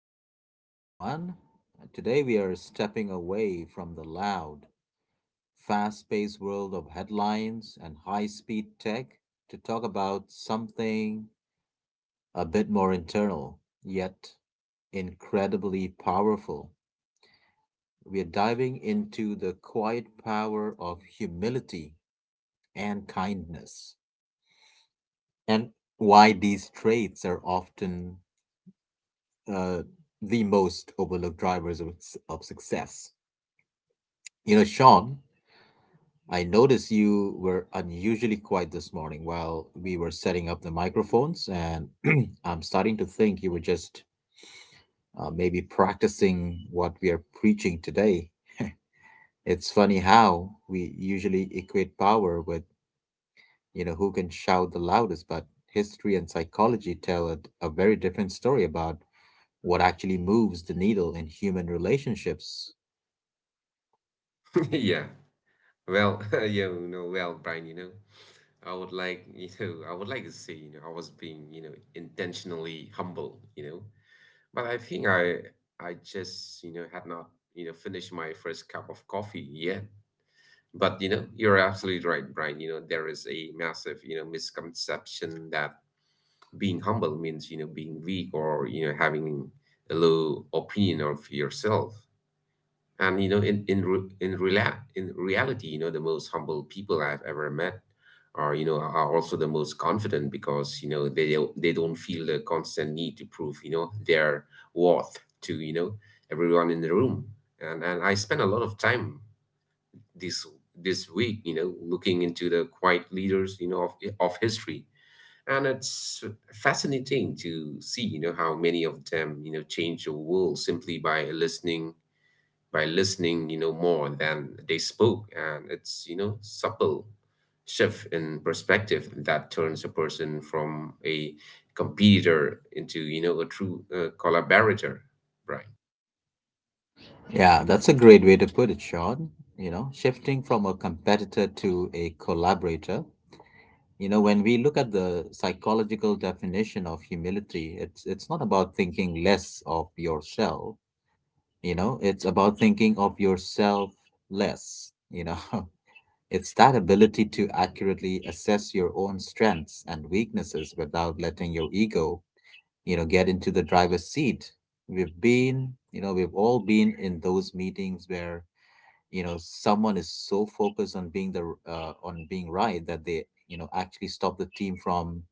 to the show, everyone. Today we are stepping away from the loud, fast paced world of headlines and high speed tech to talk about something a bit more internal, yet incredibly powerful. We are diving into the quiet power of humility and kindness, and why these traits are often uh, the most overlooked drivers of, of success. You know, Sean, I noticed you were unusually quiet this morning while we were setting up the microphones, and I'm starting to think you were just maybe practicing what we are preaching today. It's funny how we usually equate power with, you know, who can shout the loudest, but history and psychology tell a very different story about what actually moves the needle in human relationships. Yeah. Well, well, Brian, I would like to say, I was being, intentionally humble, but I think I just, had not, finished my first cup of coffee yet. But, you're absolutely right, Brian. There is a massive, misconception that being humble means, being weak or, having a low opinion of yourself and in re- in rela- in reality the most humble people I've ever met are are also the most confident because they don't feel the constant need to prove their worth to everyone in the room. And I spent a lot of time this this week looking into the quiet leaders of history. And it's fascinating to see how many of them change the world simply by listening, more than they spoke. And it's, supple shift in perspective that turns a person from a competitor into, a true collaborator, right? Yeah, that's a great way to put it, Sean. You know, shifting from a competitor to a collaborator. You know, when we look at the psychological definition of humility, it's not about thinking less of yourself, you know, it's about thinking of yourself less, you know. It's that ability to accurately assess your own strengths and weaknesses without letting your ego, you know, get into the driver's seat. We've all been in those meetings where you know someone is so focused on being the on being right that they you know actually stop the team from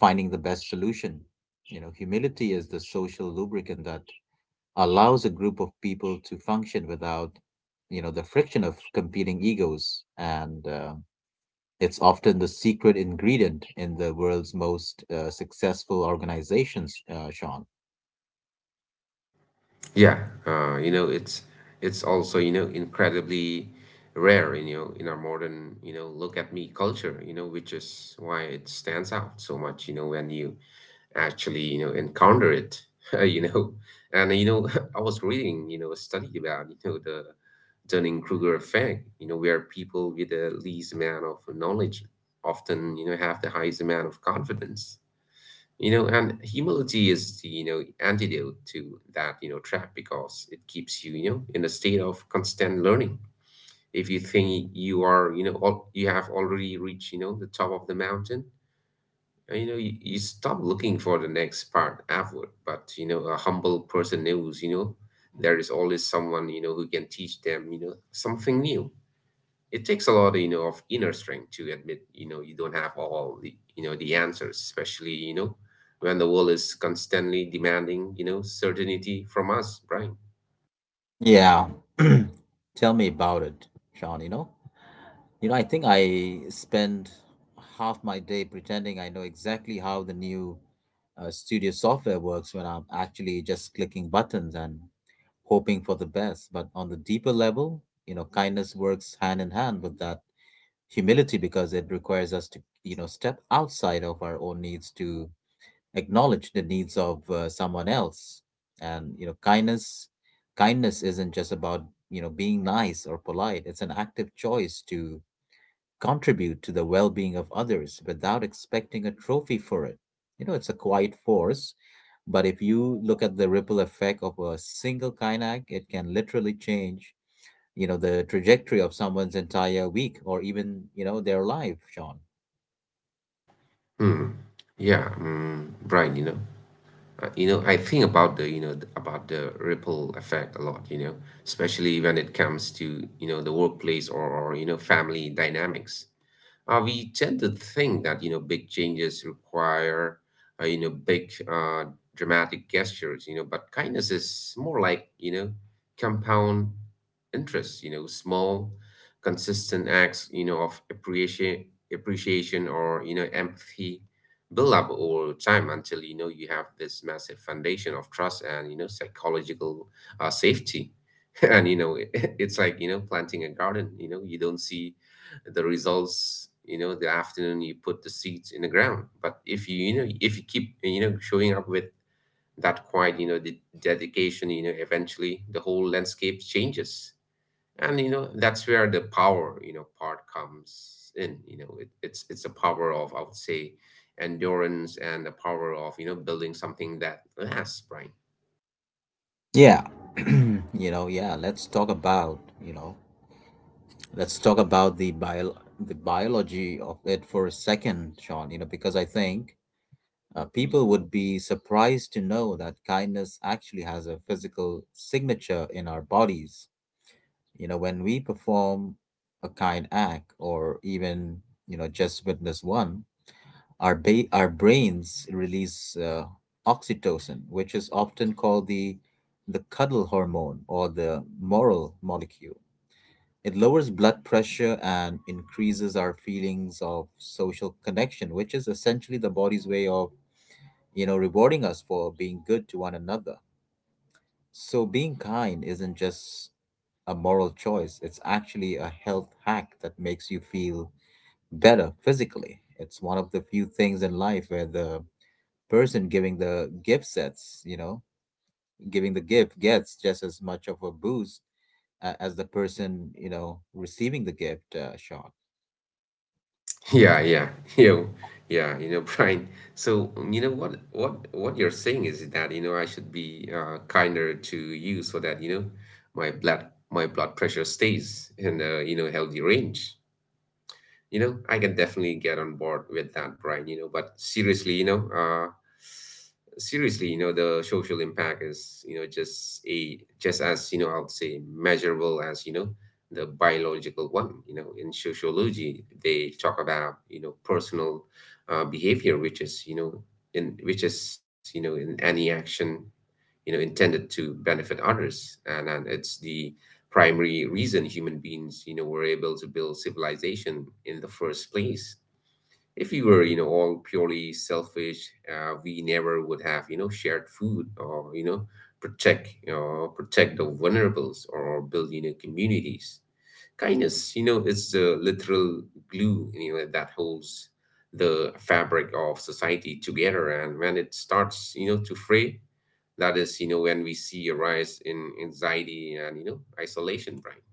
finding the best solution. You know, humility is the social lubricant that allows a group of people to function without, you know, the friction of competing egos, and it's often the secret ingredient in the world's most successful organizations, Sean. Yeah, it's also, incredibly rare, in our modern, look at me culture, which is why it stands out so much, when you actually, encounter it. you know. And I was reading, a study about, the Dunning-Kruger effect, where people with the least amount of knowledge often, have the highest amount of confidence, and humility is the, antidote to that, trap because it keeps you, in a state of constant learning. If you think you are, all, you have already reached, the top of the mountain, you stop looking for the next part upward. But, a humble person knows, there is always someone, who can teach them, something new. It takes a lot of inner strength to admit you don't have all the answers, especially when the world is constantly demanding certainty from us, Brian. Yeah. Tell me about it, Sean, you know. You know, I think I spend half my day pretending I know exactly how the new studio software works when I'm actually just clicking buttons and hoping for the best. But on the deeper level, you know, kindness works hand in hand with that humility because it requires us to, you know, step outside of our own needs to acknowledge the needs of someone else. And, you know, kindness isn't just about, you know, being nice or polite. It's an active choice to contribute to the well being of others without expecting a trophy for it. You know, it's a quiet force, but if you look at the ripple effect of a single kayak, it can literally change, you know, the trajectory of someone's entire week or even, you know, their life, Sean. Hmm. Yeah. Brian, I think about the ripple effect a lot, especially when it comes to the workplace, or, family dynamics. We tend to think that big changes require big dramatic gestures, but kindness is more like compound interest, small consistent acts, of appreciation, or empathy build up over time until you have this massive foundation of trust and psychological safety. and it's like planting a garden. You don't see the results the afternoon you put the seeds in the ground, but if you keep showing up with that quiet the dedication eventually the whole landscape changes. And that's where the power part comes in. It's a power of, I would say, endurance, and the power of building something that lasts, Brian. Yeah. You know, yeah, you know, let's talk about the biology of it for a second, Sean, you know, because I think people would be surprised to know that kindness actually has a physical signature in our bodies. You know, when we perform a kind act or even, you know, just witness one, our brains release oxytocin, which is often called the cuddle hormone or the moral molecule. It lowers blood pressure and increases our feelings of social connection, which is essentially the body's way of, you know, rewarding us for being good to one another. So being kind isn't just a moral choice, it's actually a health hack that makes you feel better physically. It's one of the few things in life where the person giving the gift sets, you know, giving the gift gets just as much of a boost as the person, you know, receiving the gift, shot. Yeah, yeah, you, yeah, Brian. So, what you're saying is that, I should be kinder to you so that, my blood pressure stays in a, healthy range. I can definitely get on board with that, Brian, but seriously you know the social impact is just as I would say measurable as the biological one. In sociology they talk about personal behavior, which is in any action intended to benefit others, and it's the primary reason human beings were able to build civilization in the first place. If we were all purely selfish, we never would have shared food or protect the vulnerables, or build communities. Kindness, is the literal glue, that holds the fabric of society together. And when it starts, to fray, that is, when we see a rise in anxiety and, isolation, right?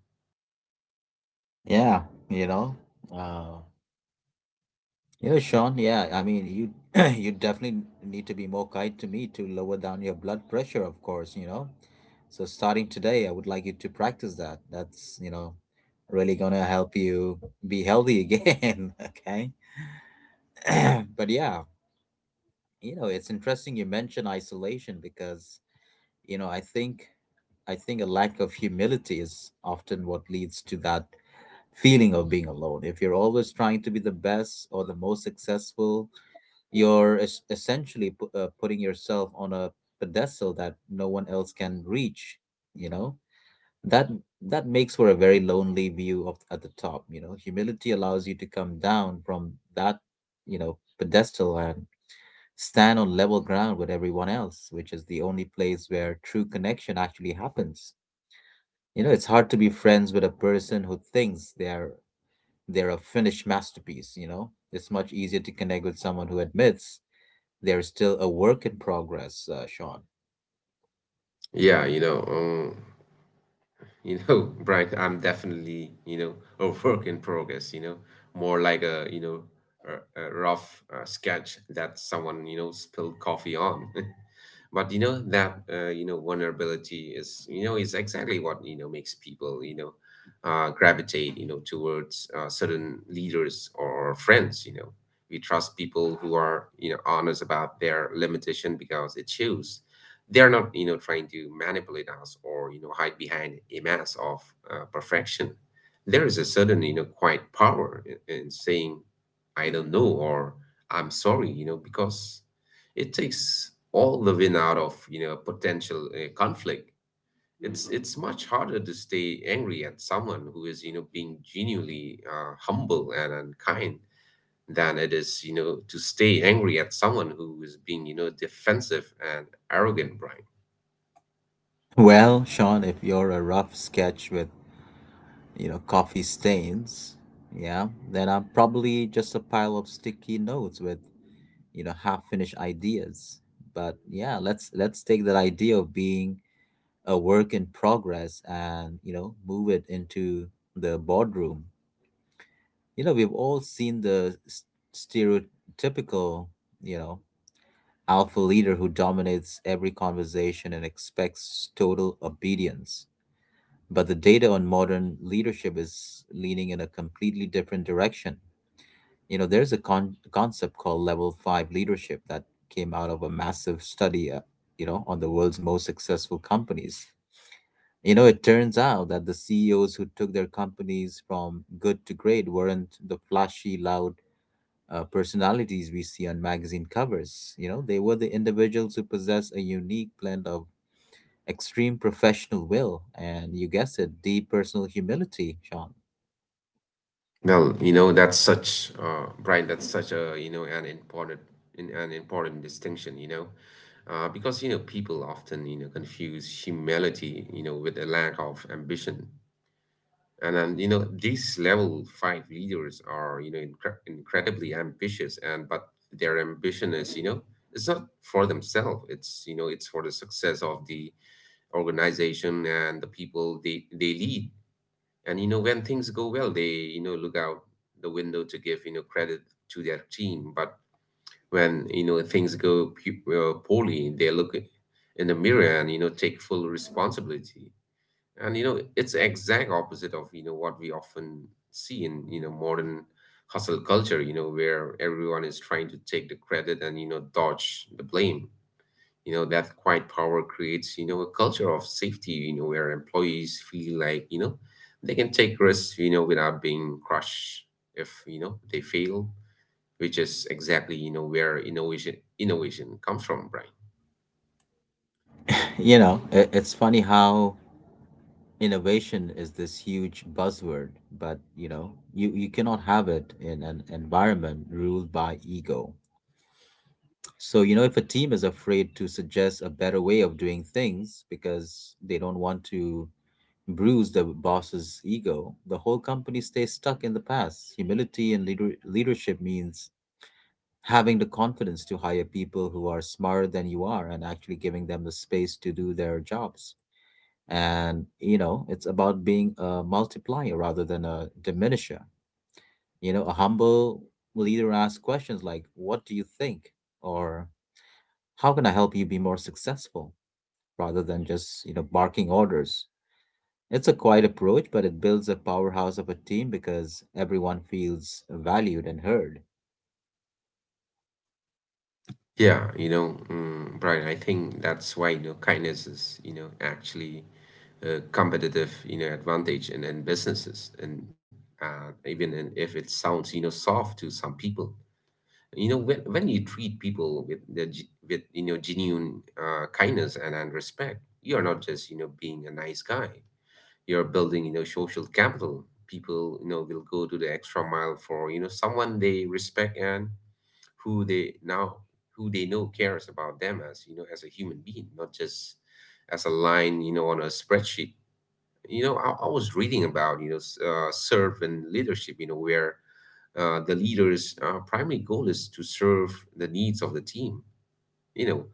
Yeah, you know. Uh, Sean, yeah, I mean, you you definitely need to be more kind to me to lower down your blood pressure, of course, you know. So starting today, I would like you to practice that. That's, you know, really gonna help you be healthy again, okay? But yeah, you know, it's interesting you mention isolation because, you know, I think I think a lack of humility is often what leads to that feeling of being alone. If you're always trying to be the best or the most successful, you're essentially putting yourself on a pedestal that no one else can reach, you know? That that makes for a very lonely view of at the top, you know. Humility allows you to come down from that, you know, pedestal and stand on level ground with everyone else, which is the only place where true connection actually happens. You know, it's hard to be friends with a person who thinks they're a finished masterpiece, you know? It's much easier to connect with someone who admits they're still a work in progress, Sean. Yeah, Brian, I'm definitely, a work in progress, more like a rough sketch that someone, spilled coffee on. But that vulnerability is exactly what makes people gravitate towards certain leaders or friends. We trust people who are honest about their limitation because it shows they're not trying to manipulate us or hide behind a mask of perfection. There is a certain quiet power in, saying I don't know, or I'm sorry, because it takes all the wind out of potential conflict. It's much harder to stay angry at someone who is being genuinely humble and kind, than it is to stay angry at someone who is being defensive and arrogant, Brian. Well, Sean, if you're a rough sketch with, you know, coffee stains, yeah, then I'm probably just a pile of sticky notes with, you know, half-finished ideas. But yeah, let's take that idea of being a work in progress and, you know, move it into the boardroom. You know, we've all seen the stereotypical, you know, alpha leader who dominates every conversation and expects total obedience. But the data on modern leadership is leaning in a completely different direction. You know, there's a concept called level five leadership that came out of a massive study, you know, on the world's most successful companies. You know, it turns out that the CEOs who took their companies from good to great weren't the flashy, loud personalities we see on magazine covers. You know, they were the individuals who possess a unique blend of extreme professional will and, you guessed it, deep personal humility, Sean. Well, that's such Brian, that's such a, an important distinction, because, people often, confuse humility, with a lack of ambition. And these level five leaders are, incredibly ambitious and but their ambition is, it's not for themselves. It's, it's for the success of the organization and the people they lead. And when things go well, they look out the window to give credit to their team. But when things go poorly, they look in the mirror and take full responsibility. And it's exact opposite of what we often see in modern hustle culture, where everyone is trying to take the credit and dodge the blame. That quiet power creates a culture of safety where employees feel like they can take risks without being crushed if they fail, which is exactly where innovation comes from, Brian. You know, it's funny how innovation is this huge buzzword, but you know, you cannot have it in an environment ruled by ego. So, you know, if a team is afraid to suggest a better way of doing things because they don't want to bruise the boss's ego, the whole company stays stuck in the past. Humility and leadership means having the confidence to hire people who are smarter than you are and actually giving them the space to do their jobs. And, you know, it's about being a multiplier rather than a diminisher. You know, a humble leader asks questions like, "What do you think?" Or, "How can I help you be more successful?" rather than just, you know, barking orders. It's a quiet approach, but it builds a powerhouse of a team because everyone feels valued and heard. Yeah, Brian, I think that's why kindness is actually a competitive advantage in businesses and even if it sounds soft to some people. When you treat people with genuine kindness and respect, you're not just being a nice guy. You're building social capital. People will go to the extra mile for someone they respect and who they now who they know cares about them as as a human being, not just as a line on a spreadsheet. I was reading about servant leadership where the leader's primary goal is to serve the needs of the team. you know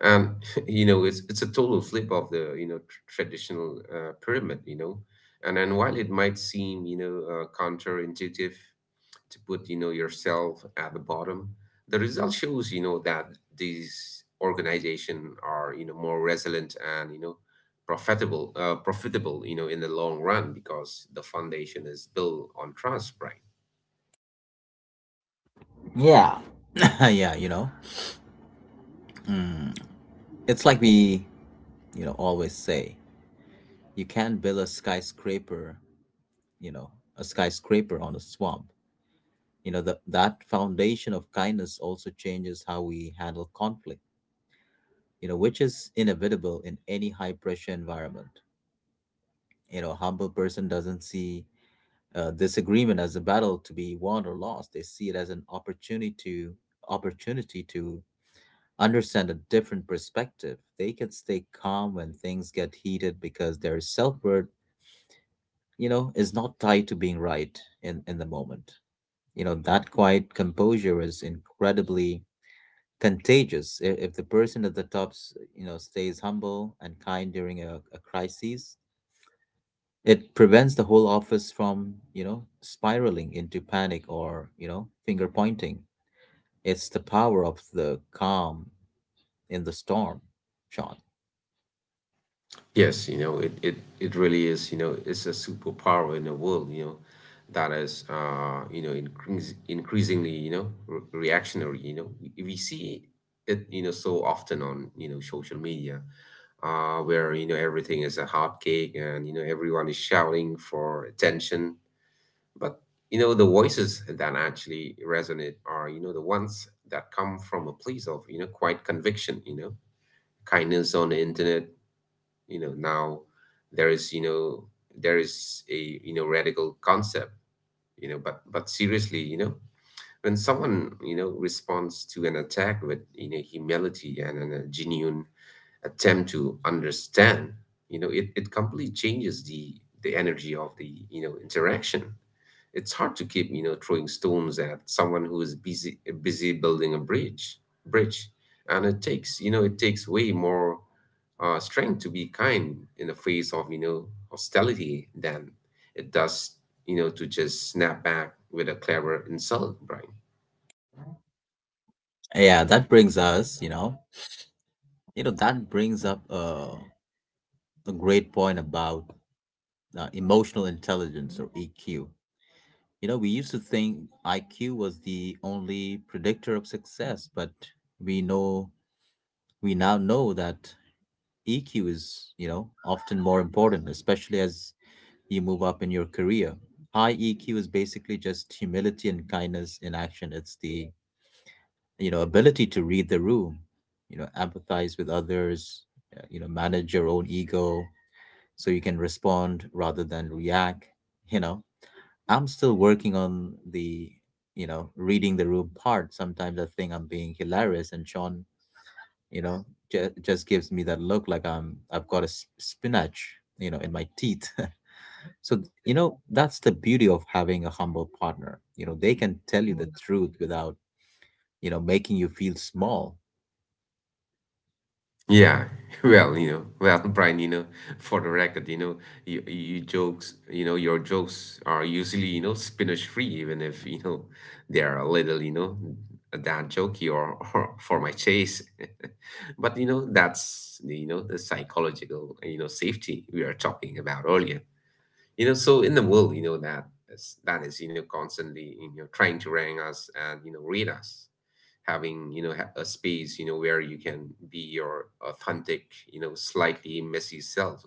and it's a total flip of the traditional pyramid. And while it might seem counterintuitive to put yourself at the bottom, the result shows that these organizations are more resilient and profitable in the long run because the foundation is built on trust, right? Yeah. Yeah, you know. Mm. It's like we, you know, always say, you can't build a skyscraper, you know, a skyscraper on a swamp. You know, that foundation of kindness also changes how we handle conflict, you know, which is inevitable in any high pressure environment. You know, humble person doesn't see disagreement as a battle to be won or lost. They see it as an opportunity to understand a different perspective. They can stay calm when things get heated because their self-worth, you know, is not tied to being right in the moment. You know, that quiet composure is incredibly contagious. If the person at the top, you know, stays humble and kind during a crisis, it prevents the whole office from, you know, spiraling into panic or, you know, finger pointing. It's the power of the calm in the storm, Sean. Yes, it really is, it's a superpower in the world, that is, increasingly, re reactionary, you know. We see it, so often on, social media, where, everything is a hot cake and, everyone is shouting for attention. But, the voices that actually resonate are, the ones that come from a place of, quiet conviction. Kindness on the internet now. There is, there is a, radical concept. But seriously, when someone, responds to an attack with, humility and, a genuine attempt to understand. It completely changes the energy of the interaction. It's hard to keep, throwing stones at someone who is busy building a bridge, and it takes way more strength to be kind in the face of, hostility than it does, to just snap back with a clever insult, Brian. Yeah, that brings us, you know that brings up a great point about emotional intelligence or EQ. You know, we used to think IQ was the only predictor of success, but we know we now know that EQ is, you know, often more important, especially as you move up in your career. High EQ is basically just humility and kindness in action. It's the, you know, ability to read the room, you know, empathize with others, you know, manage your own ego so you can respond rather than react. You know, I'm still working on the, you know, reading the room part. Sometimes I think I'm being hilarious, and Sean, you know, just gives me that look like I've got spinach, you know, in my teeth. So, you know, that's the beauty of having a humble partner. You know, they can tell you the truth without, you know, making you feel small. Yeah, well, well, Brian, for the record, your jokes are usually, spinach free, even if, they are a little, that jokey or, or for my chase. But, you know, that's, the, you know, the psychological, safety we are talking about earlier. So in the world, that is, constantly, trying to rank us and, read us, having a space where you can be your authentic, slightly messy self.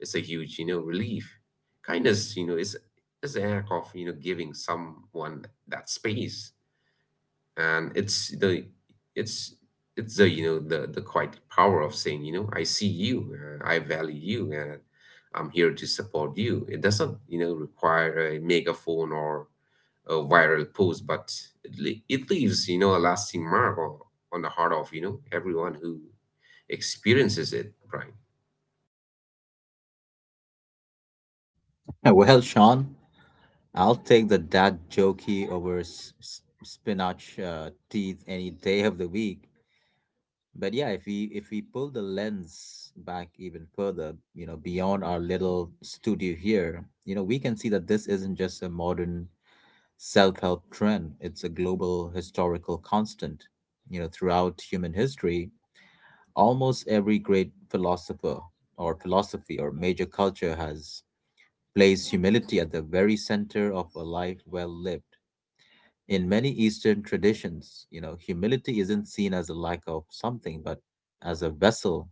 It's a huge relief. Kindness, is an act of, giving someone that space. And it's it's the, the quite power of saying, I see you, I value you, and I'm here to support you. It doesn't, require a megaphone or a viral post, but it leaves, a lasting mark on the heart of, everyone who experiences it, Brian. Well, Sean, I'll take the dad jokey over spinach teeth any day of the week. But yeah, if we pull the lens back even further, you know, beyond our little studio here, you know, we can see that this isn't just a modern self-help trend. It's a global historical constant. You know, throughout human history, almost every great philosopher or philosophy or major culture has placed humility at the very center of a life well lived. In many Eastern traditions, humility isn't seen as a lack of something, but as a vessel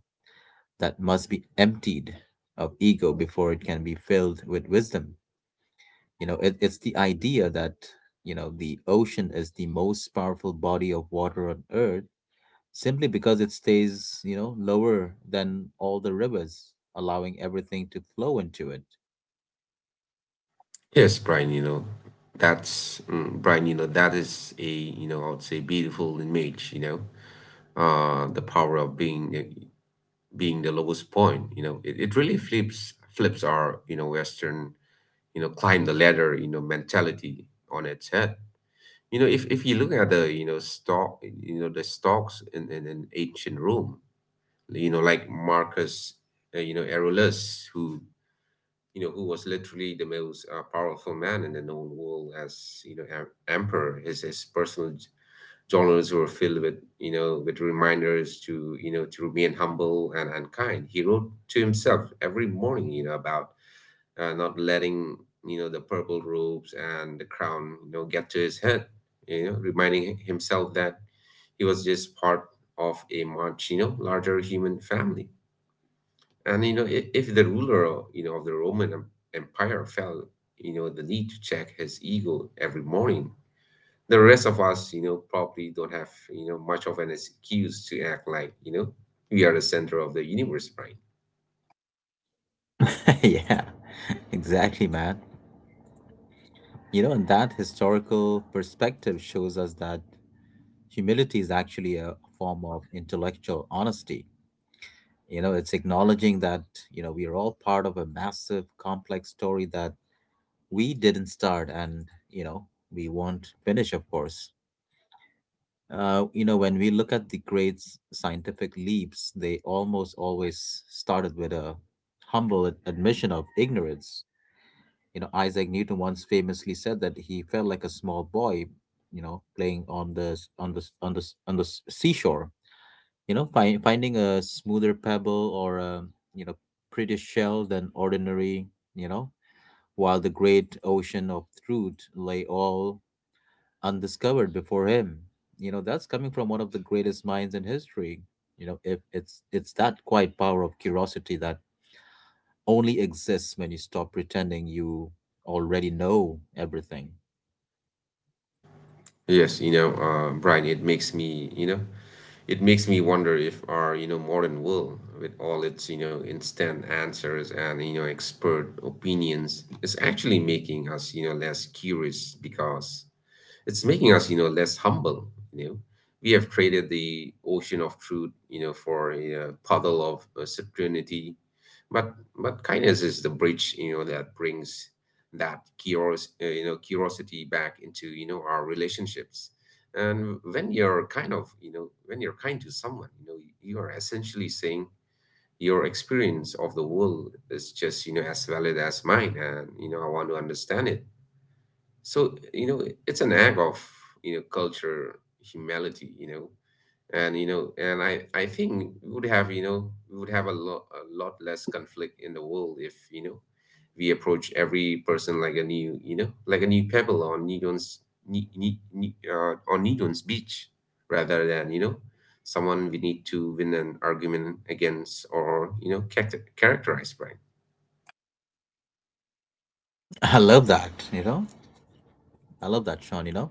that must be emptied of ego before it can be filled with wisdom. It's the idea that, the ocean is the most powerful body of water on earth simply because it stays, lower than all the rivers, allowing everything to flow into it. Yes, Brian, Brian, that is a, I would say beautiful image, the power of being the lowest point. It really flips our, Western, climb the ladder, mentality on its head. If you look at the stocks in ancient Rome, like Marcus, Aurelius, who, who was literally the most powerful man in the known world as, emperor. His personal journals were filled with, reminders to, to remain humble and, kind. He wrote to himself every morning, about not letting, the purple robes and the crown, get to his head. Reminding himself that he was just part of a much, larger human family. And if the ruler, of the Roman Empire felt, the need to check his ego every morning, the rest of us, probably don't have, much of an excuse to act like, we are the center of the universe, right? Yeah, exactly, man. And that historical perspective shows us that humility is actually a form of intellectual honesty. It's acknowledging that, we are all part of a massive, complex story that we didn't start and, you know, we won't finish, of course. When we look at the great scientific leaps, they almost always started with a humble admission of ignorance. Isaac Newton once famously said that he felt like a small boy, playing on the seashore. Finding a smoother pebble or a you know prettier shell than ordinary. You know, while the great ocean of truth lay all undiscovered before him. That's coming from one of the greatest minds in history. You know, if it's it's that quiet power of curiosity that only exists when you stop pretending you already know everything. Yes, Brian, it makes me wonder if our, modern world, with all its, instant answers and, expert opinions, is actually making us, less curious, because it's making us, less humble. We have traded the ocean of truth, for a puddle of certainty. But kindness is the bridge, that brings that curios, you know, curiosity back into, our relationships. And when you're kind to someone, you are essentially saying your experience of the world is just, as valid as mine, and, I want to understand it. So, it's an act of, culture humility. And I think we would have a lot less conflict in the world if, we approach every person like a new pebble on Nidon's Ni- Ni- Ni- on Nidon's beach, rather than, someone we need to win an argument against, or characterize by. I love that, you know? I love that, Sean, you know?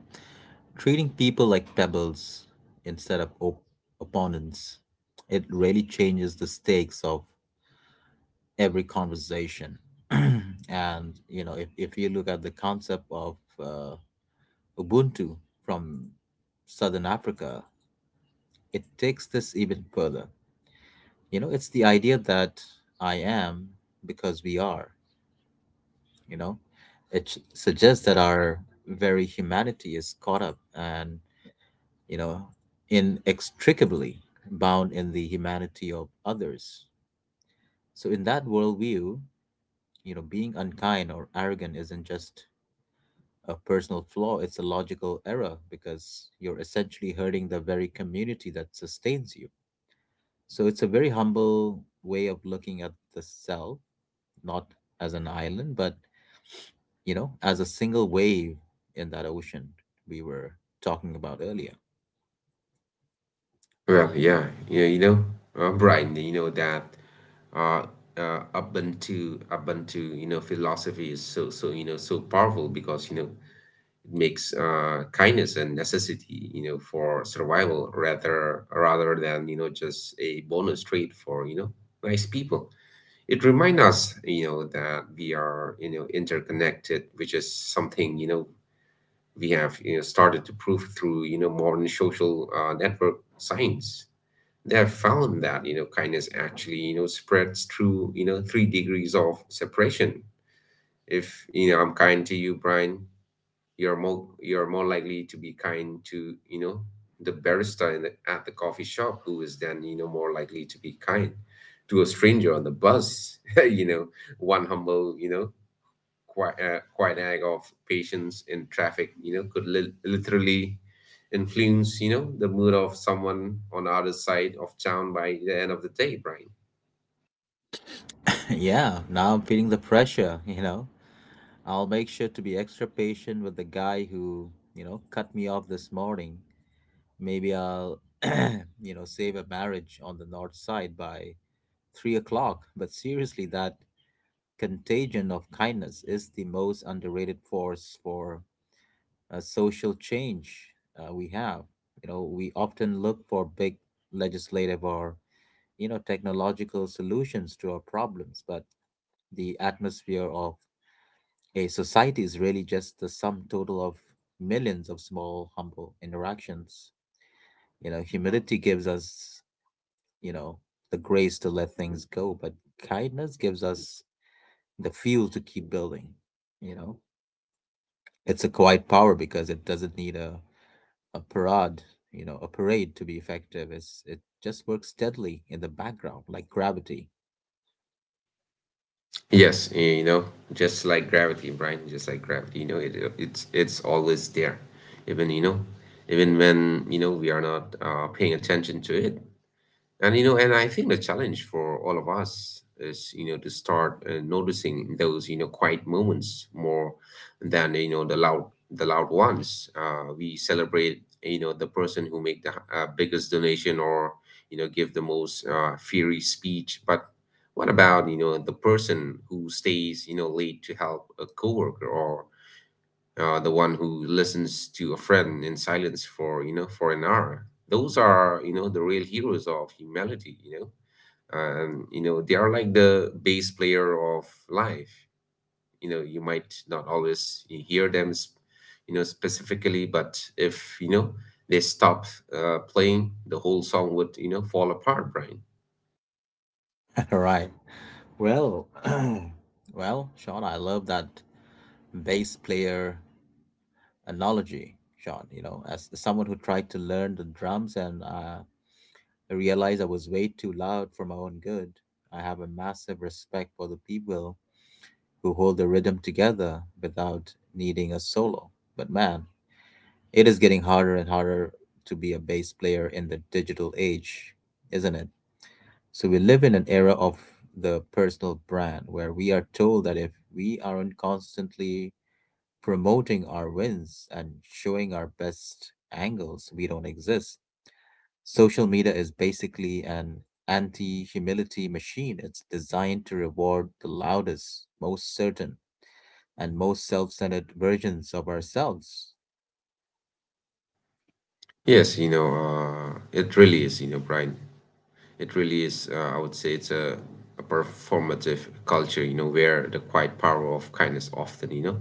Treating people like pebbles instead of opponents. It really changes the stakes of every conversation. And if you look at the concept of Ubuntu from Southern Africa, it takes this even further. It's the idea that I am because we are, you know. It suggests that our very humanity is caught up and, you know, inextricably bound in the humanity of others. So, in that worldview, being unkind or arrogant isn't just a personal flaw, it's a logical error because you're essentially hurting the very community that sustains you. So it's a very humble way of looking at the self, not as an island, but as a single wave in that ocean we were talking about earlier. Well, yeah, yeah, Brian, that, uh, Ubuntu, philosophy is so, so powerful because, it makes, kindness and necessity, for survival, rather than, just a bonus trait for, nice people. It reminds us, that we are, interconnected, which is something, we have, started to prove through, modern social network science. They have found that, kindness actually, spreads through, 3 degrees of separation. If, I'm kind to you, Brian, you're more likely to be kind to, the barista at the coffee shop, who is then, more likely to be kind to a stranger on the bus. One humble, quinag of patience in traffic, could literally influence, the mood of someone on the other side of town by the end of the day, Brian. Yeah, now I'm feeling the pressure. I'll make sure to be extra patient with the guy who, cut me off this morning. Maybe I'll, save a marriage on the north side by 3 o'clock. But seriously, that contagion of kindness is the most underrated force for social change we have. We often look for big legislative or technological solutions to our problems, but the atmosphere of a society is really just the sum total of millions of small, humble interactions. Humility gives us you know the grace to let things go, but kindness gives us the fuel to keep building. You know, it's a quiet power because it doesn't need a parade, a parade to be effective. It just works steadily in the background, like gravity. Yes, just like gravity, Brian, just like gravity. It's always there, even you know even when, we are not paying attention to it. And, I think the challenge for all of us is, to start noticing those, quiet moments more than, the loud ones. We celebrate, the person who make the biggest donation, or give the most fiery speech. But what about, the person who stays, late to help a coworker, or the one who listens to a friend in silence for an hour? Those are, the real heroes of humanity. They are like the bass player of life. You might not always hear them, specifically, but if, they stop, playing, the whole song would, fall apart, Brian. Right. Well, well, Sean, I love that bass player analogy, Sean. As someone who tried to learn the drums and I realized I was way too loud for my own good, I have a massive respect for the people who hold the rhythm together without needing a solo. But man, it is getting harder and harder to be a bass player in the digital age, isn't it? So we live in an era of the personal brand where we are told that if we aren't constantly promoting our wins and showing our best angles, we don't exist. Social media is basically an anti humility machine. It's designed to reward the loudest, most certain, and most self-centered versions of ourselves. Yes, it really is, Brian, it really is. I would say it's a performative culture, where the quiet power of kindness often,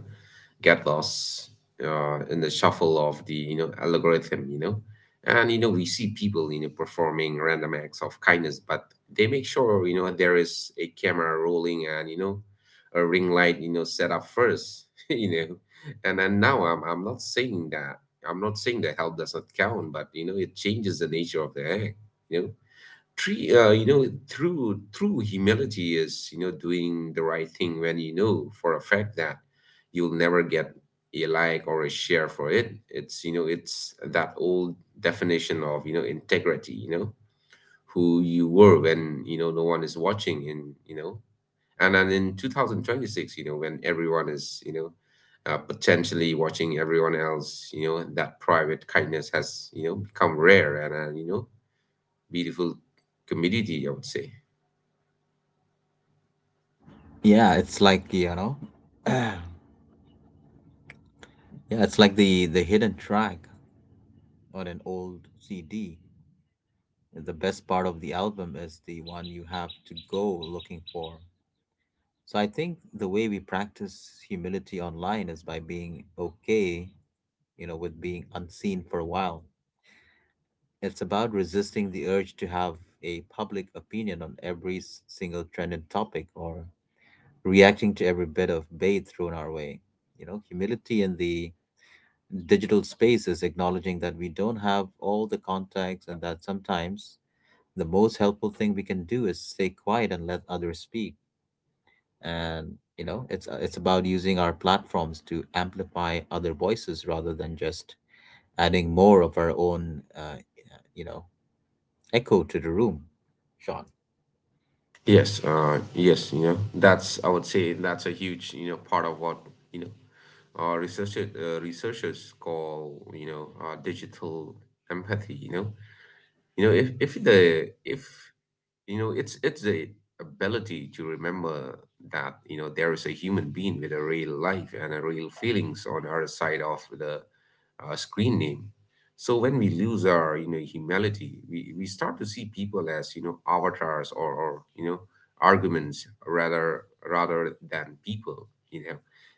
get lost in the shuffle of the, algorithm. And, we see people, performing random acts of kindness, but they make sure, there is a camera rolling and, a ring light, set up first. you know and then now I'm not saying that I'm not saying that help does not count, but, it changes the nature of the act you know tree you know through through humility is, doing the right thing when you know for a fact that you'll never get a like or a share for it it's you know it's that old definition of, integrity you know who you were when, no one is watching. And you know and then, in 2026, when everyone is, potentially watching everyone else, that private kindness has, become rare and, beautiful community, I would say. Yeah, it's like, you know, yeah, it's like the hidden track on an old CD. The best part of the album is the one you have to go looking for. So I think the way we practice humility online is by being okay, with being unseen for a while. It's about resisting the urge to have a public opinion on every single trending topic or reacting to every bit of bait thrown our way. Humility in the digital space is acknowledging that we don't have all the contacts and that sometimes the most helpful thing we can do is stay quiet and let others speak. And you know, it's about using our platforms to amplify other voices rather than just adding more of our own, you know, echo to the room, Sean. Yes, yes, I would say, that's a huge, part of what, you know, researchers call, digital empathy. If it's the ability to remember that, there is a human being with a real life and a real feelings on our side of the screen name. So when we lose our, humility, we start to see people as, avatars, or arguments, rather than people.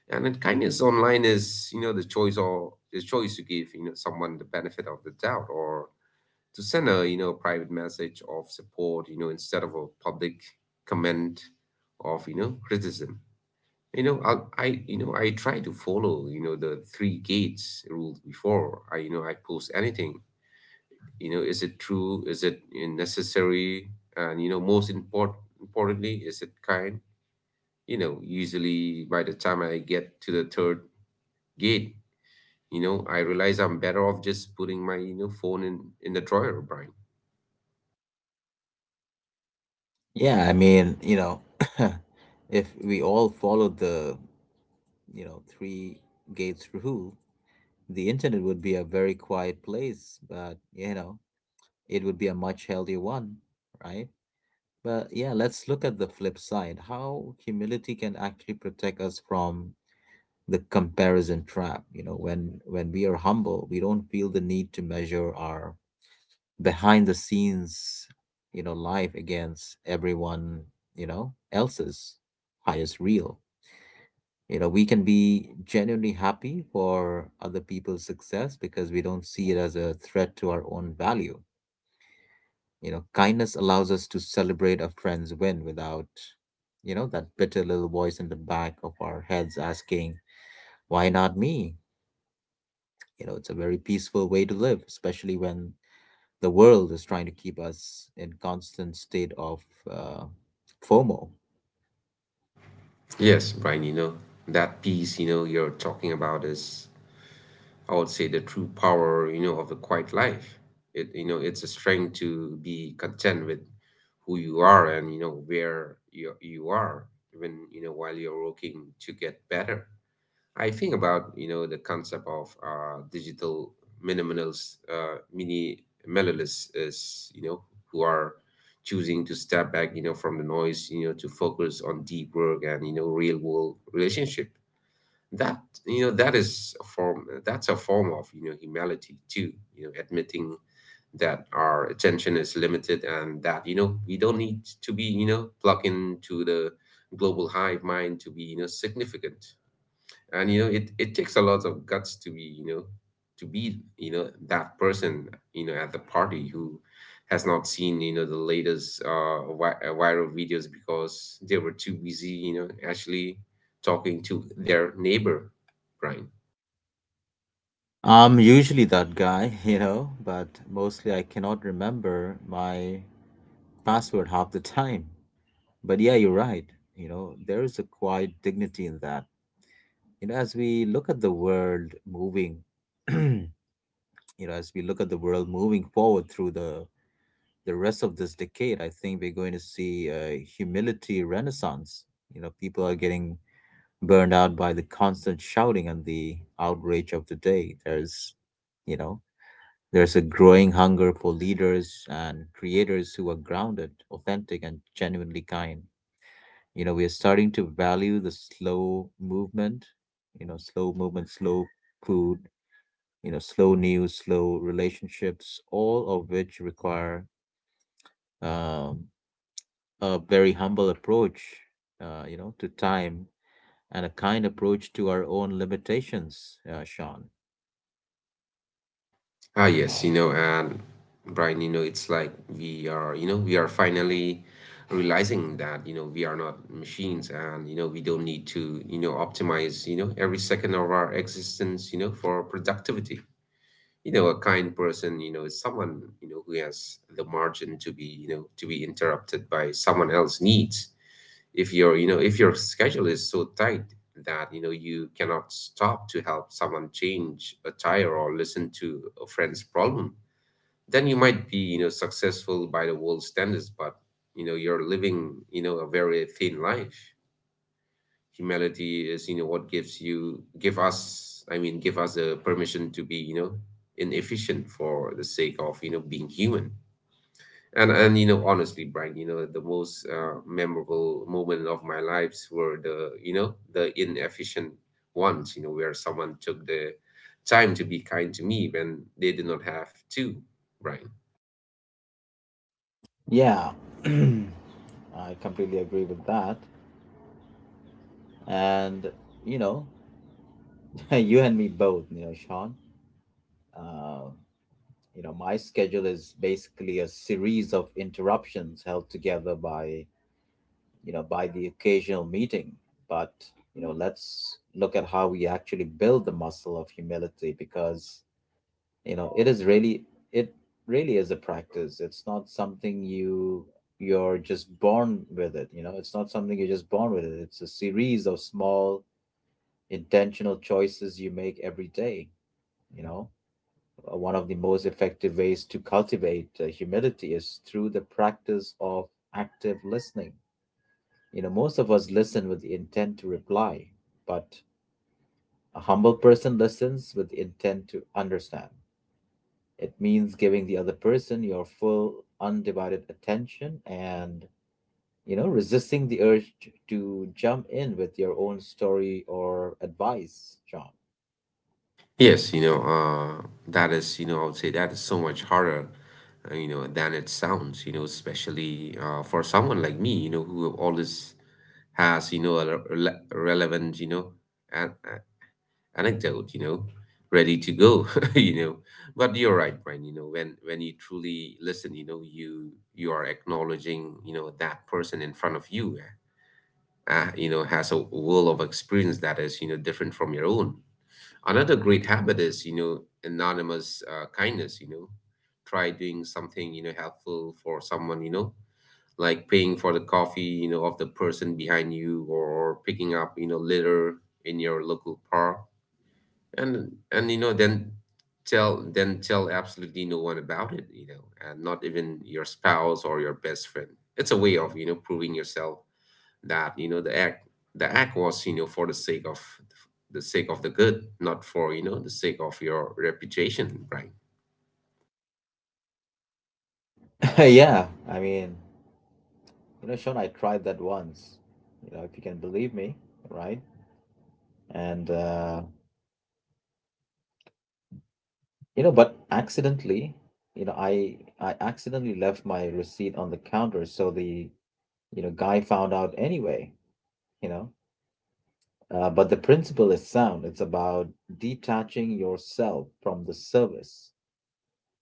And then kindness online is the choice to give, someone the benefit of the doubt, or to send a, private message of support, instead of a public comment of, criticism. I try to follow, the three gates rule before I post anything. Is it true? Is it necessary? And, most importantly, is it kind? Usually, by the time I get to the third gate, I realize I'm better off just putting my, phone in the drawer, Brian. Yeah, I mean, if we all followed the three gates rule, the internet would be a very quiet place, but it would be a much healthier one, right? But yeah, let's look at the flip side. How humility can actually protect us from the comparison trap. When we are humble, we don't feel the need to measure our behind the scenes, life against everyone, else's highest reel. We can be genuinely happy for other people's success because we don't see it as a threat to our own value. Kindness allows us to celebrate a friend's win without, that bitter little voice in the back of our heads asking, why not me? It's a very peaceful way to live, especially when the world is trying to keep us in constant state of uh, FOMO. Yes, Brian, that piece, you're talking about is, I would say, the true power, of the quiet life. It's a strength to be content with who you are and, where you are, even, while you're working to get better. I think about the concept of digital minimalists, is you know who are choosing to step back, from the noise, to focus on deep work and, real world relationship. That you know that is a form of, humility too. Admitting that our attention is limited, and that, we don't need to be, plugged into the global hive mind to be, significant. And, it takes a lot of guts to be that person, at the party, who has not seen, the latest viral videos because they were too busy, actually talking to their neighbor, Brian. I'm usually that guy, but mostly I cannot remember my password half the time. But yeah, you're right. There is a quiet dignity in that. You know, as we look at the world moving, you as we look at the world moving forward through the rest of this decade, I think we're going to see a humility renaissance. People are getting burned out by the constant shouting and the outrage of the day. You know, there's a growing hunger for leaders and creators who are grounded, authentic, and genuinely kind. We are starting to value the slow movement, slow food, slow news, slow relationships, all of which require um, a very humble approach, to time and a kind approach to our own limitations, Sean. Ah, yes, and Brian, it's like we are finally realizing that, we are not machines, and, we don't need to, optimize, every second of our existence, for productivity. A kind person, is someone, who has the margin to be interrupted by someone else's needs. If your schedule is so tight that, you cannot stop to help someone change a tire or listen to a friend's problem, then you might be, successful by the world standards, but, you're living, a very thin life. Humility is, what gives you give us I mean give us the permission to be, inefficient for the sake of, being human. And, honestly, Brian, the most memorable moment of my lives were the inefficient ones, where someone took the time to be kind to me when they did not have to, Brian. Yeah, I completely agree with that. And, you know, you and me both, Sean. Uh, my schedule is basically a series of interruptions held together by, by the occasional meeting. But, let's look at how we actually build the muscle of humility because, it is really it really is a practice. It's not something you're just born with it. It's not something you're just born with it. It's a series of small intentional choices you make every day, you know uh, one of the most effective ways to cultivate humility is through the practice of active listening. Most of us listen with the intent to reply, but a humble person listens with the intent to understand. It means giving the other person your full, undivided attention and, resisting the urge to jump in with your own story or advice, John. Yes, that is, I would say that is so much harder, than it sounds, especially for someone like me, who always has, relevant, an a- anecdote, ready to go, you know. But you're right, Brian, when you truly listen, you are acknowledging, that person in front of you, has a world of experience that is, different from your own. Another great habit is, anonymous kindness. Try doing something, helpful for someone, like paying for the coffee, of the person behind you, or picking up, litter in your local park. And, then tell absolutely no one about it, and not even your spouse or your best friend. It's a way of, proving yourself that, the act was, for the sake of the good, not for, the sake of your reputation, right? Yeah, I mean, Sean, I tried that once, if you can believe me, right? And, uh, but accidentally, I accidentally left my receipt on the counter, so the, guy found out anyway, you know. But the principle is sound. It's about detaching yourself from the service.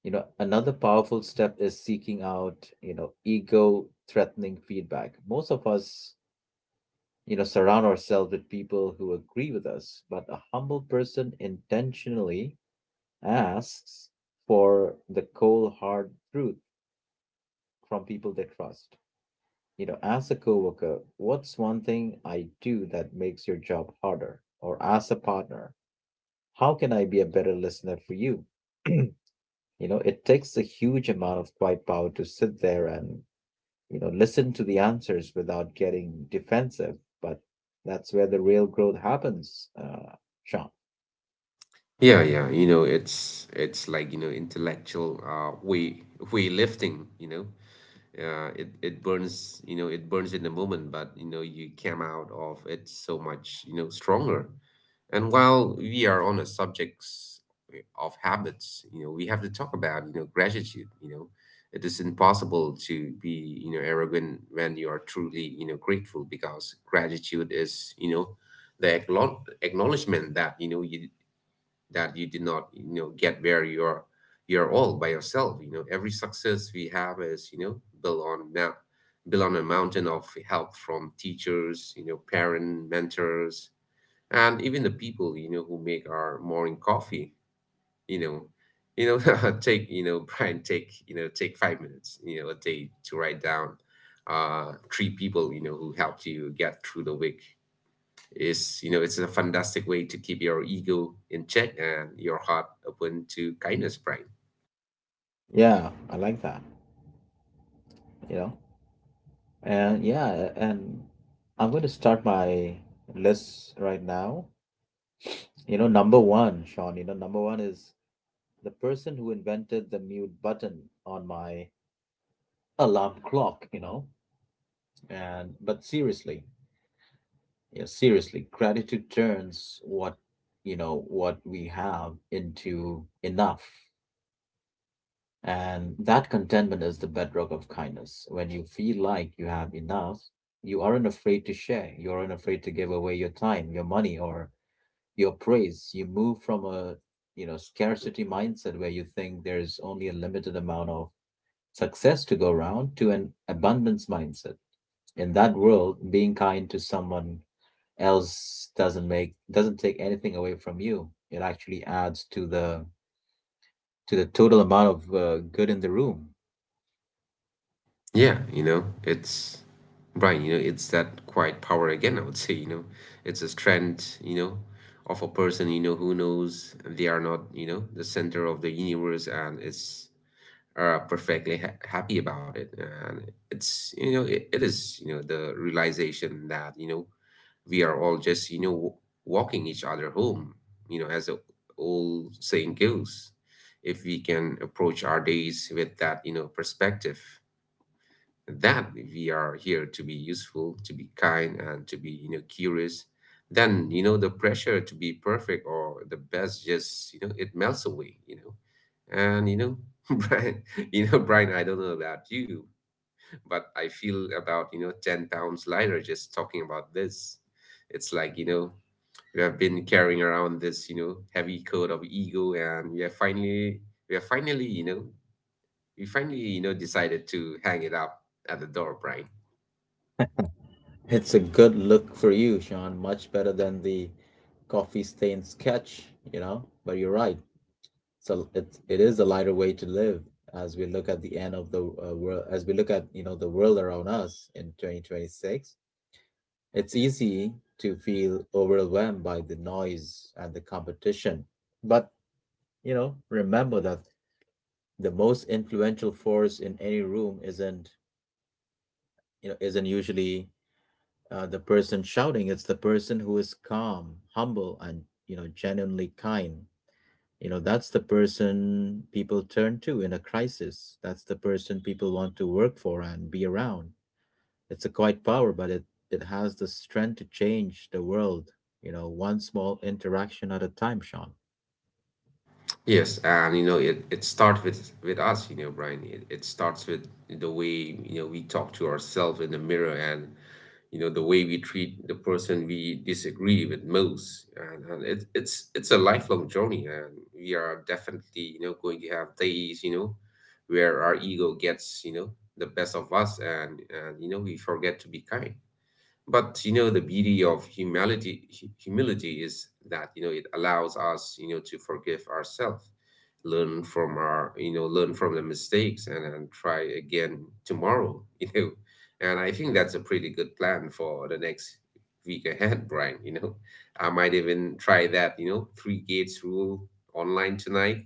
Another powerful step is seeking out, ego threatening feedback. Most of us surround ourselves with people who agree with us, but a humble person intentionally asks for the cold hard truth from people they trust. As a coworker, what's one thing I do that makes your job harder? Or as a partner, how can I be a better listener for you? you it takes a huge amount of quiet power to sit there and listen to the answers without getting defensive. But that's where the real growth happens, Sean. Yeah, yeah, it's like, intellectual way lifting. It burns, it burns in the moment, but, you came out of it so much, stronger. And while we are on the subjects of habits, we have to talk about, gratitude. It is impossible to be, arrogant when you are truly, grateful, because gratitude is, the acknowledgement that, you did not, get where you're all by yourself. Every success we have is, built on a mountain of help from teachers, parent mentors, and even the people, who make our morning coffee, you know. take you know Brian, take 5 minutes, a day to write down three people, who helped you get through the week. Is you know it's a fantastic way to keep your ego in check and your heart open to kindness, Brian. Yeah, I like that. You know, and yeah, and I'm going to start my list right now. Number one, Sean. Number one is the person who invented the mute button on my alarm clock. You know, and but seriously, yeah, seriously, gratitude turns what you know what we have into enough. And that contentment is the bedrock of kindness. When you feel like you have enough, you aren't afraid to share. You aren't afraid to give away your time, your money, or your praise. You move from a scarcity mindset where you think there's only a limited amount of success to go around to an abundance mindset. In that world, being kind to someone else doesn't take anything away from you. It actually adds to the total amount of good in the room. Yeah, it's Brian, it's that quiet power again, I would say. It's a strength, of a person, who knows they are not, the center of the universe, and it's are perfectly happy about it. And it's it is, the realization that, we are all just, walking each other home, as the old saying goes. If we can approach our days with that, perspective, that we are here to be useful, to be kind, and to be, curious, then, the pressure to be perfect or the best, just, it melts away. And Brian, Brian, I don't know about you, but I feel about, 10 pounds lighter just talking about this. It's like, we have been carrying around this, heavy coat of ego, and we are finally you know we finally you know decided to hang it up at the door, Brian. It's a good look for you, Sean. Much better than the coffee stain sketch. But you're right. So it is a lighter way to live as we look at the end of the world, as we look at the world around us in 2026. It's easy to feel overwhelmed by the noise and the competition, but remember that the most influential force in any room isn't you know isn't usually the person shouting. It's the person who is calm, humble, and genuinely kind. That's the person people turn to in a crisis. That's the person people want to work for and be around. It's a quiet power, but it has the strength to change the world, one small interaction at a time, Sean. Yes, and, it starts with us, Brian. It starts with the way, we talk to ourselves in the mirror, and, the way we treat the person we disagree with most. And it's a lifelong journey, and we are definitely, going to have days, where our ego gets, the best of us, and, we forget to be kind, but, the beauty of humility, humility, is that, it allows us, to forgive ourselves, learn from our you know learn from the mistakes, and try again tomorrow, . And I think that's a pretty good plan for the next week ahead, Brian, you know I might even try that, three gates rule online tonight,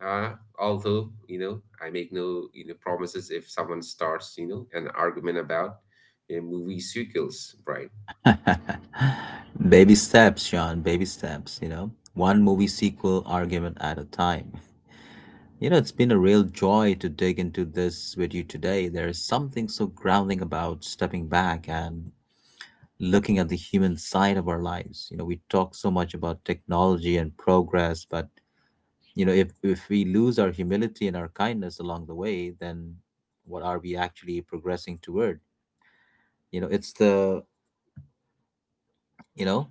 although, I make no, promises, if someone starts, an argument about you movie sequels, right? Baby steps, Sean, baby steps. One movie sequel argument at a time. It's been a real joy to dig into this with you today. There is something so grounding about stepping back and looking at the human side of our lives. We talk so much about technology and progress, but if we lose our humility and our kindness along the way, then what are we actually progressing toward? You know, it's the you know,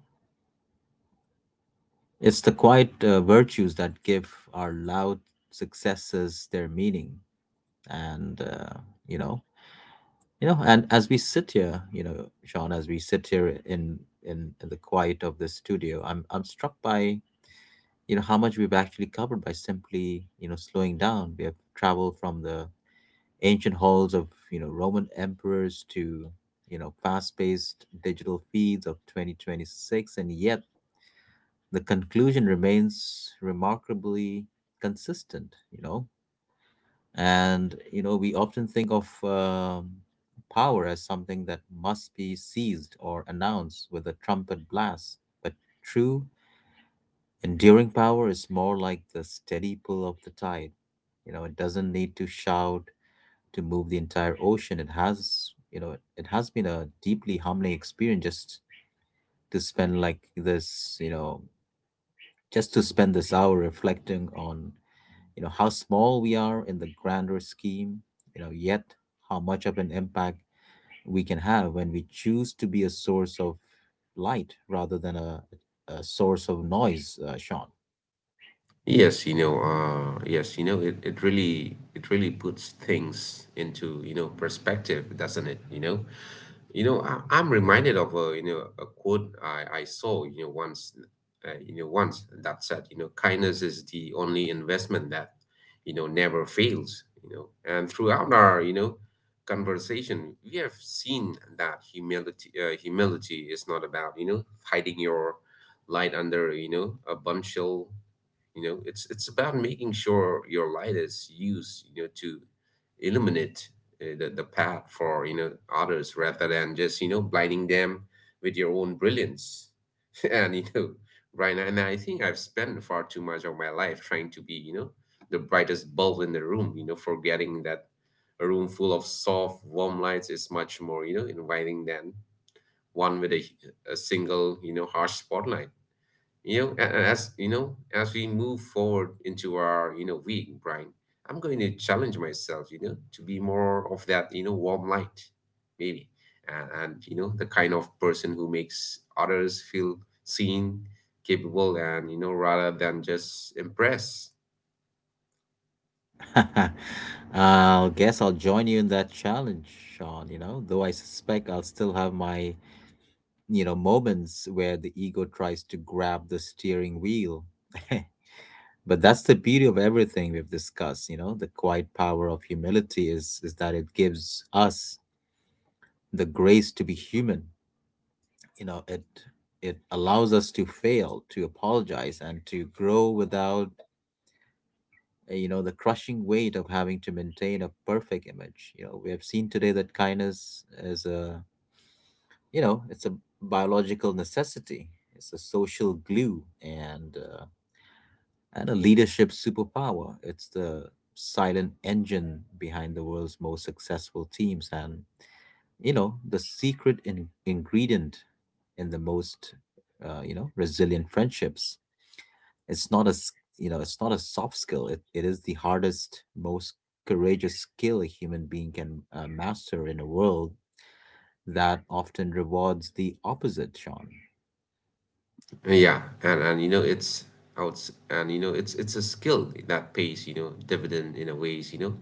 it's the quiet virtues that give our loud successes their meaning, and uh, you know and as we sit here, Sean, as we sit here in the quiet of the studio, I'm struck by how much we've actually covered by simply slowing down. We have traveled from the ancient halls of Roman emperors to fast-paced digital feeds of 2026, and yet the conclusion remains remarkably consistent. We often think of power as something that must be seized or announced with a trumpet blast. But true, enduring power is more like the steady pull of the tide. It doesn't need to shout to move the entire ocean. It has been a deeply humbling experience just to spend like this, just to spend this hour reflecting on how small we are in the grander scheme, yet how much of an impact we can have when we choose to be a source of light rather than a source of noise, Sean. Yes, yes, it really puts things into, perspective, doesn't it? I'm reminded of a you know a quote I saw, once, that said, kindness is the only investment that, never fails. And throughout our, conversation, we have seen that humility is not about, hiding your light under, a bunshell. It's about making sure your light is used, to illuminate the path for, others, rather than just, blinding them with your own brilliance. and you know Right, and I think I've spent far too much of my life trying to be, the brightest bulb in the room, forgetting that a room full of soft warm lights is much more, inviting than one with a single, harsh spotlight. As as we move forward into our, week, Brian, I'm going to challenge myself, to be more of that, warm light, maybe, and, the kind of person who makes others feel seen, capable, and, rather than just impressed. I'll join you in that challenge, Sean. Though I suspect I'll still have my moments where the ego tries to grab the steering wheel. But that's the beauty of everything we've discussed. The quiet power of humility is that it gives us the grace to be human. You know, it it allows us to fail, to apologize, and to grow without the crushing weight of having to maintain a perfect image. We have seen today that kindness is a biological necessity. It's a social glue and a leadership superpower. It's the silent engine behind the world's most successful teams and the secret ingredient in the most resilient friendships. It's not a soft skill. It is the hardest, most courageous skill a human being can master in a world that often rewards the opposite, Sean. Yeah, and, it's out and you know it's a skill that pays, dividend in a ways,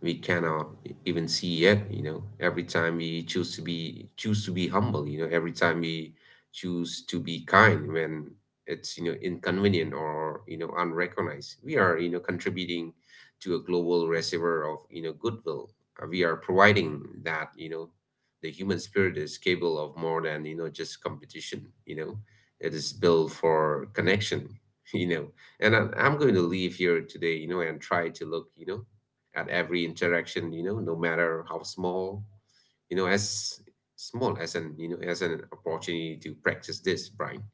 we cannot even see yet. Every time we choose to be humble, every time we choose to be kind when it's, inconvenient, or, unrecognized, we are, contributing to a global reservoir of, goodwill. We are providing that, the human spirit is capable of more than, just competition. It is built for connection, you know and I'm going to leave here today, and try to look, at every interaction, no matter how small, you know, as as an opportunity to practice this, Brian.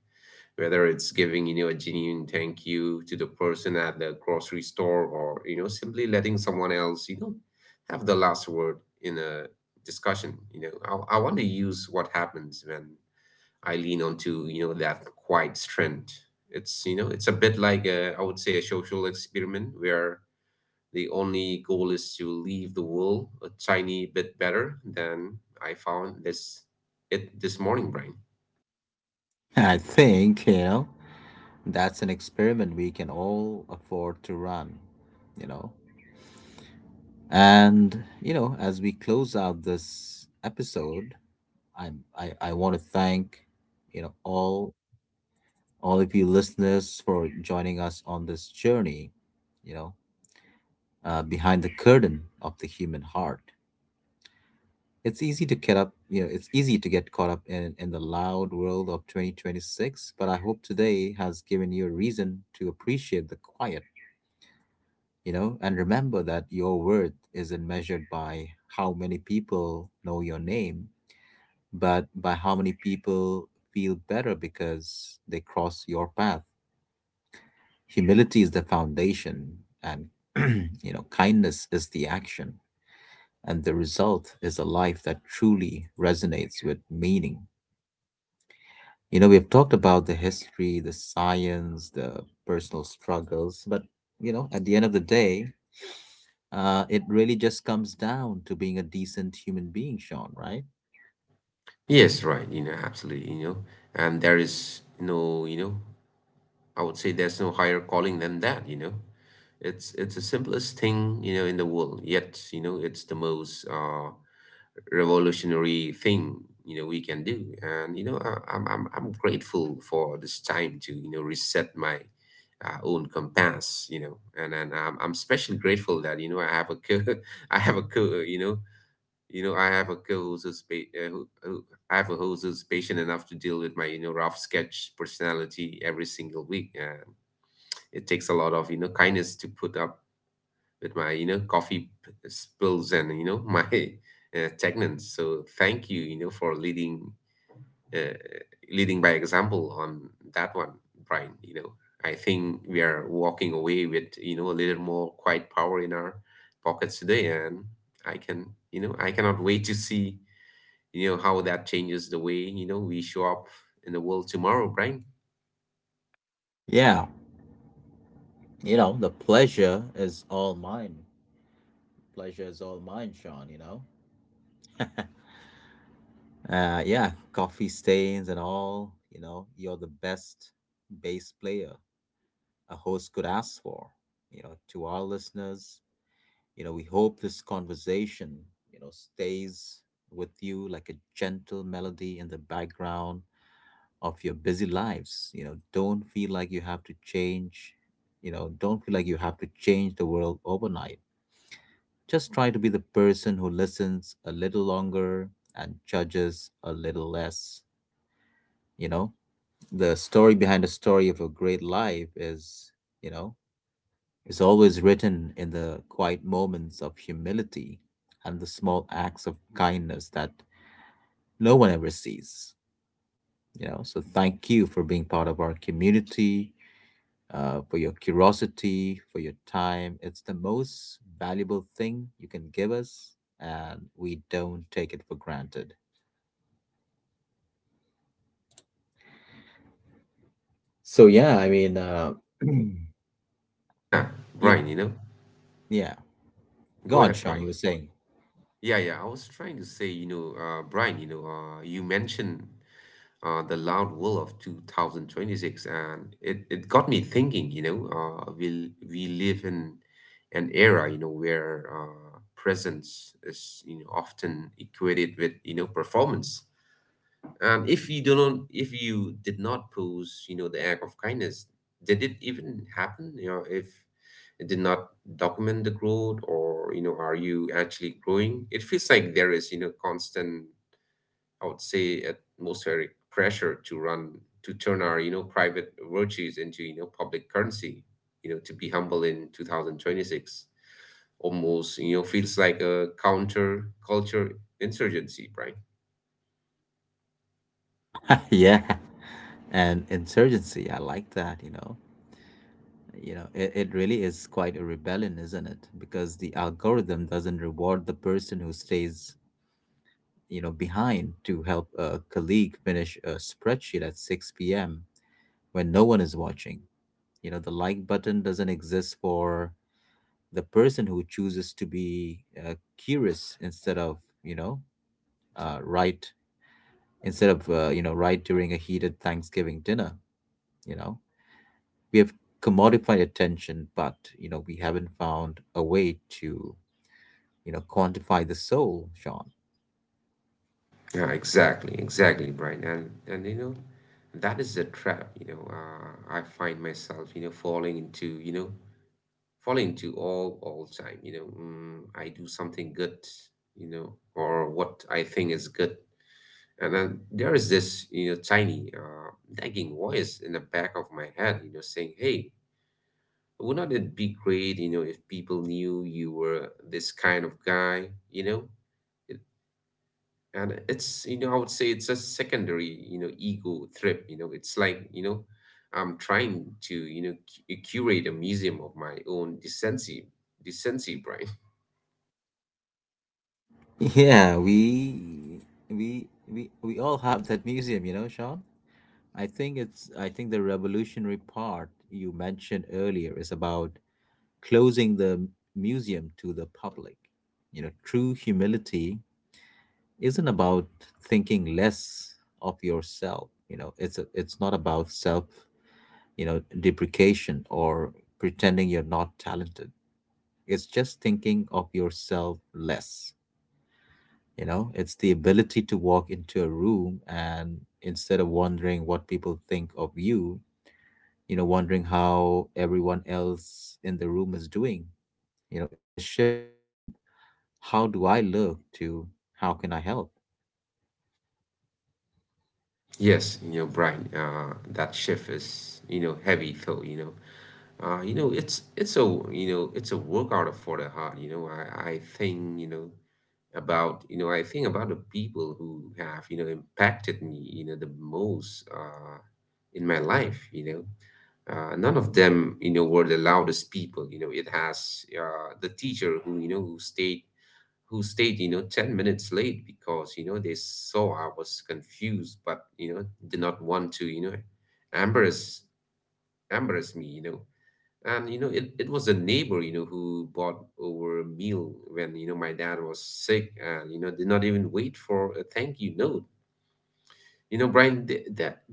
Whether it's giving a genuine thank you to the person at the grocery store or simply letting someone else have the last word in a discussion. I want to use what happens when I lean onto that quiet strength. It's a bit like a, I would say, a social experiment where the only goal is to leave the world a tiny bit better than I found this it this morning, Brian. I think that's an experiment we can all afford to run, you know. And as we close out this episode, I want to thank you know all all of you listeners for joining us on this journey, you know, behind the curtain of the human heart. It's easy to get caught up in the loud world of 2026, but I hope today has given you a reason to appreciate the quiet, and remember that your worth isn't measured by how many people know your name, but by how many people feel better because they cross your path. Humility is the foundation, and kindness is the action, and the result is a life that truly resonates with meaning. We've talked about the history, the science, the personal struggles, but at the end of the day, it really just comes down to being a decent human being, Sean, right? Yes, right. Absolutely. And there is no, I would say there's no higher calling than that. It's the simplest thing in the world, yet it's the most revolutionary thing we can do. And you know I, I'm, I'm i'm grateful for this time to reset my own compass, and I'm especially grateful that I have a co I have a co you know I have a co I have a host who's patient enough to deal with my rough sketch personality every single week, and it takes a lot of kindness to put up with my spills and you know my stagnance. So thank you you know for leading uh, by example on that one, Brian. I think we are walking away with a little more quiet power in our pockets today. And I can I cannot wait to see how that changes the way we show up in the world tomorrow, Brian. Yeah, the pleasure is all mine. Pleasure is all mine, Sean, yeah, coffee stains and all, you're the best bass player a host could ask for. To our listeners, we hope this conversation, stays with you like a gentle melody in the background of your busy lives. Don't feel like you have to change, you know don't feel like you have to change the world overnight. Just try to be the person who listens a little longer and judges a little less. you know the story behind the story of a great life is you know is always written in the quiet moments of humility and the small acts of kindness that no one ever sees. So thank you for being part of our community, for your curiosity, for your time. It's the most valuable thing you can give us, and we don't take it for granted. So yeah, I mean, Yeah, you, Brian. Yeah. Go Go on, ahead, Sean. Brian. You were saying. Yeah, yeah. I was trying to say, Brian, you mentioned the loud will of 2026, and it got me thinking, we live in an era, where presence is, often equated with, performance. And if you did not pose, the act of kindness, did it even happen? If it did not document the growth, or are you actually growing? It feels like there is, constant, I would say, atmospheric pressure to run to turn our, private virtues into, public currency. To be humble in 2026 almost, feels like a counter culture insurgency, right? Yeah, and insurgency. I like that. It really is quite a rebellion, isn't it? Because the algorithm doesn't reward the person who stays, behind to help a colleague finish a spreadsheet at 6 p.m. when no one is watching. The like button doesn't exist for the person who chooses to be curious instead of, you know, right, instead of, right during a heated Thanksgiving dinner. You know, we have commodified attention, but, we haven't found a way to, quantify the soul, Sean. Yeah, exactly, exactly, Brian. And that is the trap, I find myself, you know, falling into, all time, I do something good, or what I think is good. And then there is this, tiny nagging voice in the back of my head, saying, "Hey, wouldn't it be great, if people knew you were this kind of guy?" And it's I would say it's a secondary ego trip. It's like I'm trying to curate a museum of my own decency, brain. Yeah, we we we we all have that museum, Sean. I think the revolutionary part you mentioned earlier is about closing the museum to the public. True humility isn't about thinking less of yourself. It's not about self, deprecation or pretending you're not talented. It's just thinking of yourself less. It's the ability to walk into a room, and instead of wondering what people think of you, wondering how everyone else in the room is doing. It's a shift from how do I look to how can I help? Yes, Brian, that shift is heavy though. It's a workout for the heart. You know about you know I think about the people who have impacted me the most in my life. None of them were the loudest people. You know, it has The teacher who stayed 10 minutes late because they saw I was confused, but did not want to embarrass embarrass me. And it was a neighbor, who bought over a meal when, my dad was sick and, did not even wait for a thank you note. Brian, they, that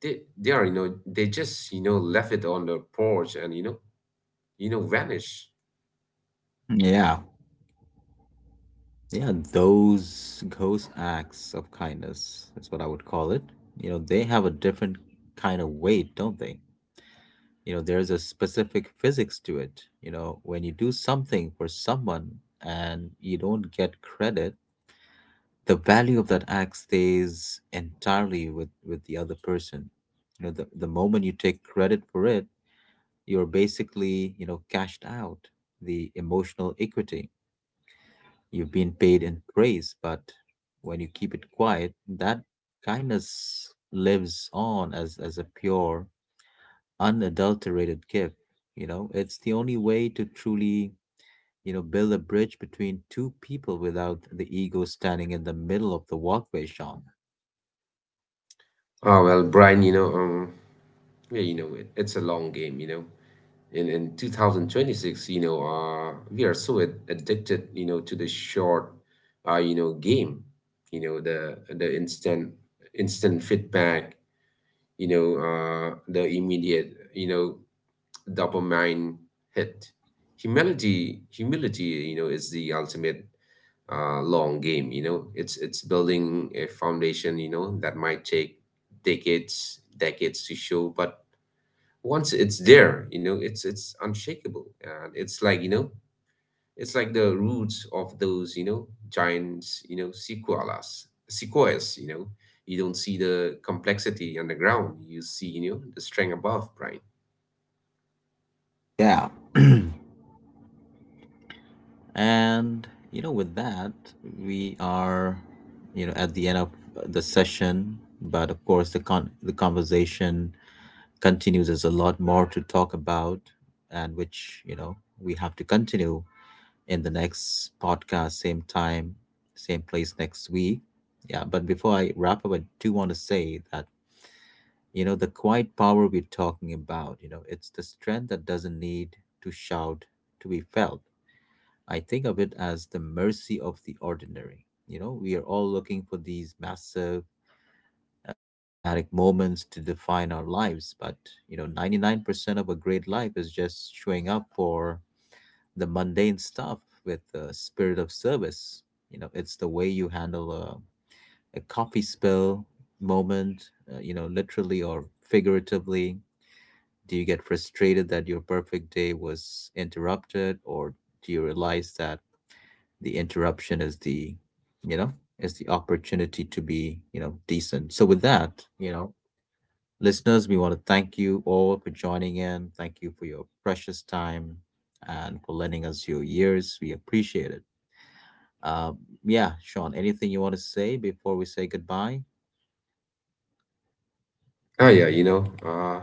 they are, you know, they just, you know, left it on the porch and, vanished. Yeah. Yeah, those ghost acts of kindness, that's what I would call it. They have a different kind of weight, don't they? There's a specific physics to it. When you do something for someone and you don't get credit, the value of that act stays entirely with the other person. The moment you take credit for it, you're basically cashed out the emotional equity. You've been paid in praise, but when you keep it quiet, that kindness lives on as a pure, unadulterated gift. It's the only way to truly, build a bridge between two people without the ego standing in the middle of the walkway, Sean. Oh, well, Brian, yeah, it's a long game. In 2026, we are so addicted to the short game. The instant feedback, you know the immediate dopamine hit. Humility is the ultimate long game. It's building a foundation that might take decades to show, but once it's there, you know, it's unshakable. And it's like it's like the roots of those, giants, you know, sequoias sequoias. You don't see the complexity underground. You see the strength above, Brian. Yeah. And, with that, we are, at the end of the session. But of course, the conversation continues. There's a lot more to talk about, and which, we have to continue in the next podcast, same time, same place next week. Yeah, but before I wrap up, I do want to say that, the quiet power we're talking about, it's the strength that doesn't need to shout to be felt. I think of it as the mercy of the ordinary. We are all looking for these massive cinematic moments to define our lives, but, 99% of a great life is just showing up for the mundane stuff with the spirit of service. It's the way you handle a coffee spill moment, literally or figuratively. Do you get frustrated that your perfect day was interrupted, or do you realize that the interruption you know, is the opportunity to be, decent? So, with that, you know, listeners, we want to thank you all for joining in. Thank you for your precious time and for lending us your ears. We appreciate it. Uh, yeah, Sean, anything you want to say before we say goodbye? Ah, yeah. you know uh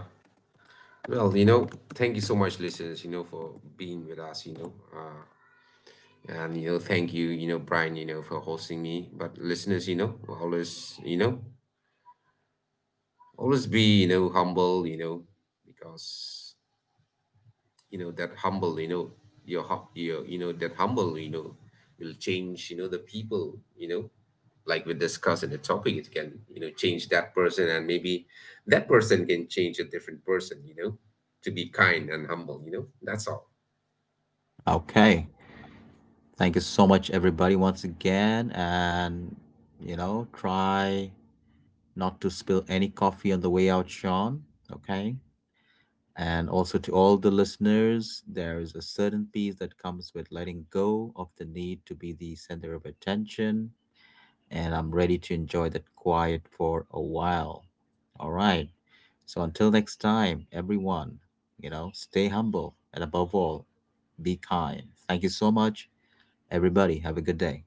well you know thank you so much, listeners, for being with us, you know, And thank you, you know Brian, for hosting me. But listeners, always be humble, you know, Because that humble, you know, your, that humble, you know, will change the people, you know like we discussed in the topic. It can change that person, and maybe that person can change a different person, you know, To be kind and humble, you know, That's all. Okay. Thank you so much, everybody, once again. And, try not to spill any coffee on the way out, Sean. Okay. And also to all the listeners, there is a certain peace that comes with letting go of the need to be the center of attention, and I'm ready to enjoy that quiet for a while. All right. So until next time, everyone, stay humble and above all, be kind. Thank you so much. Everybody, have a good day.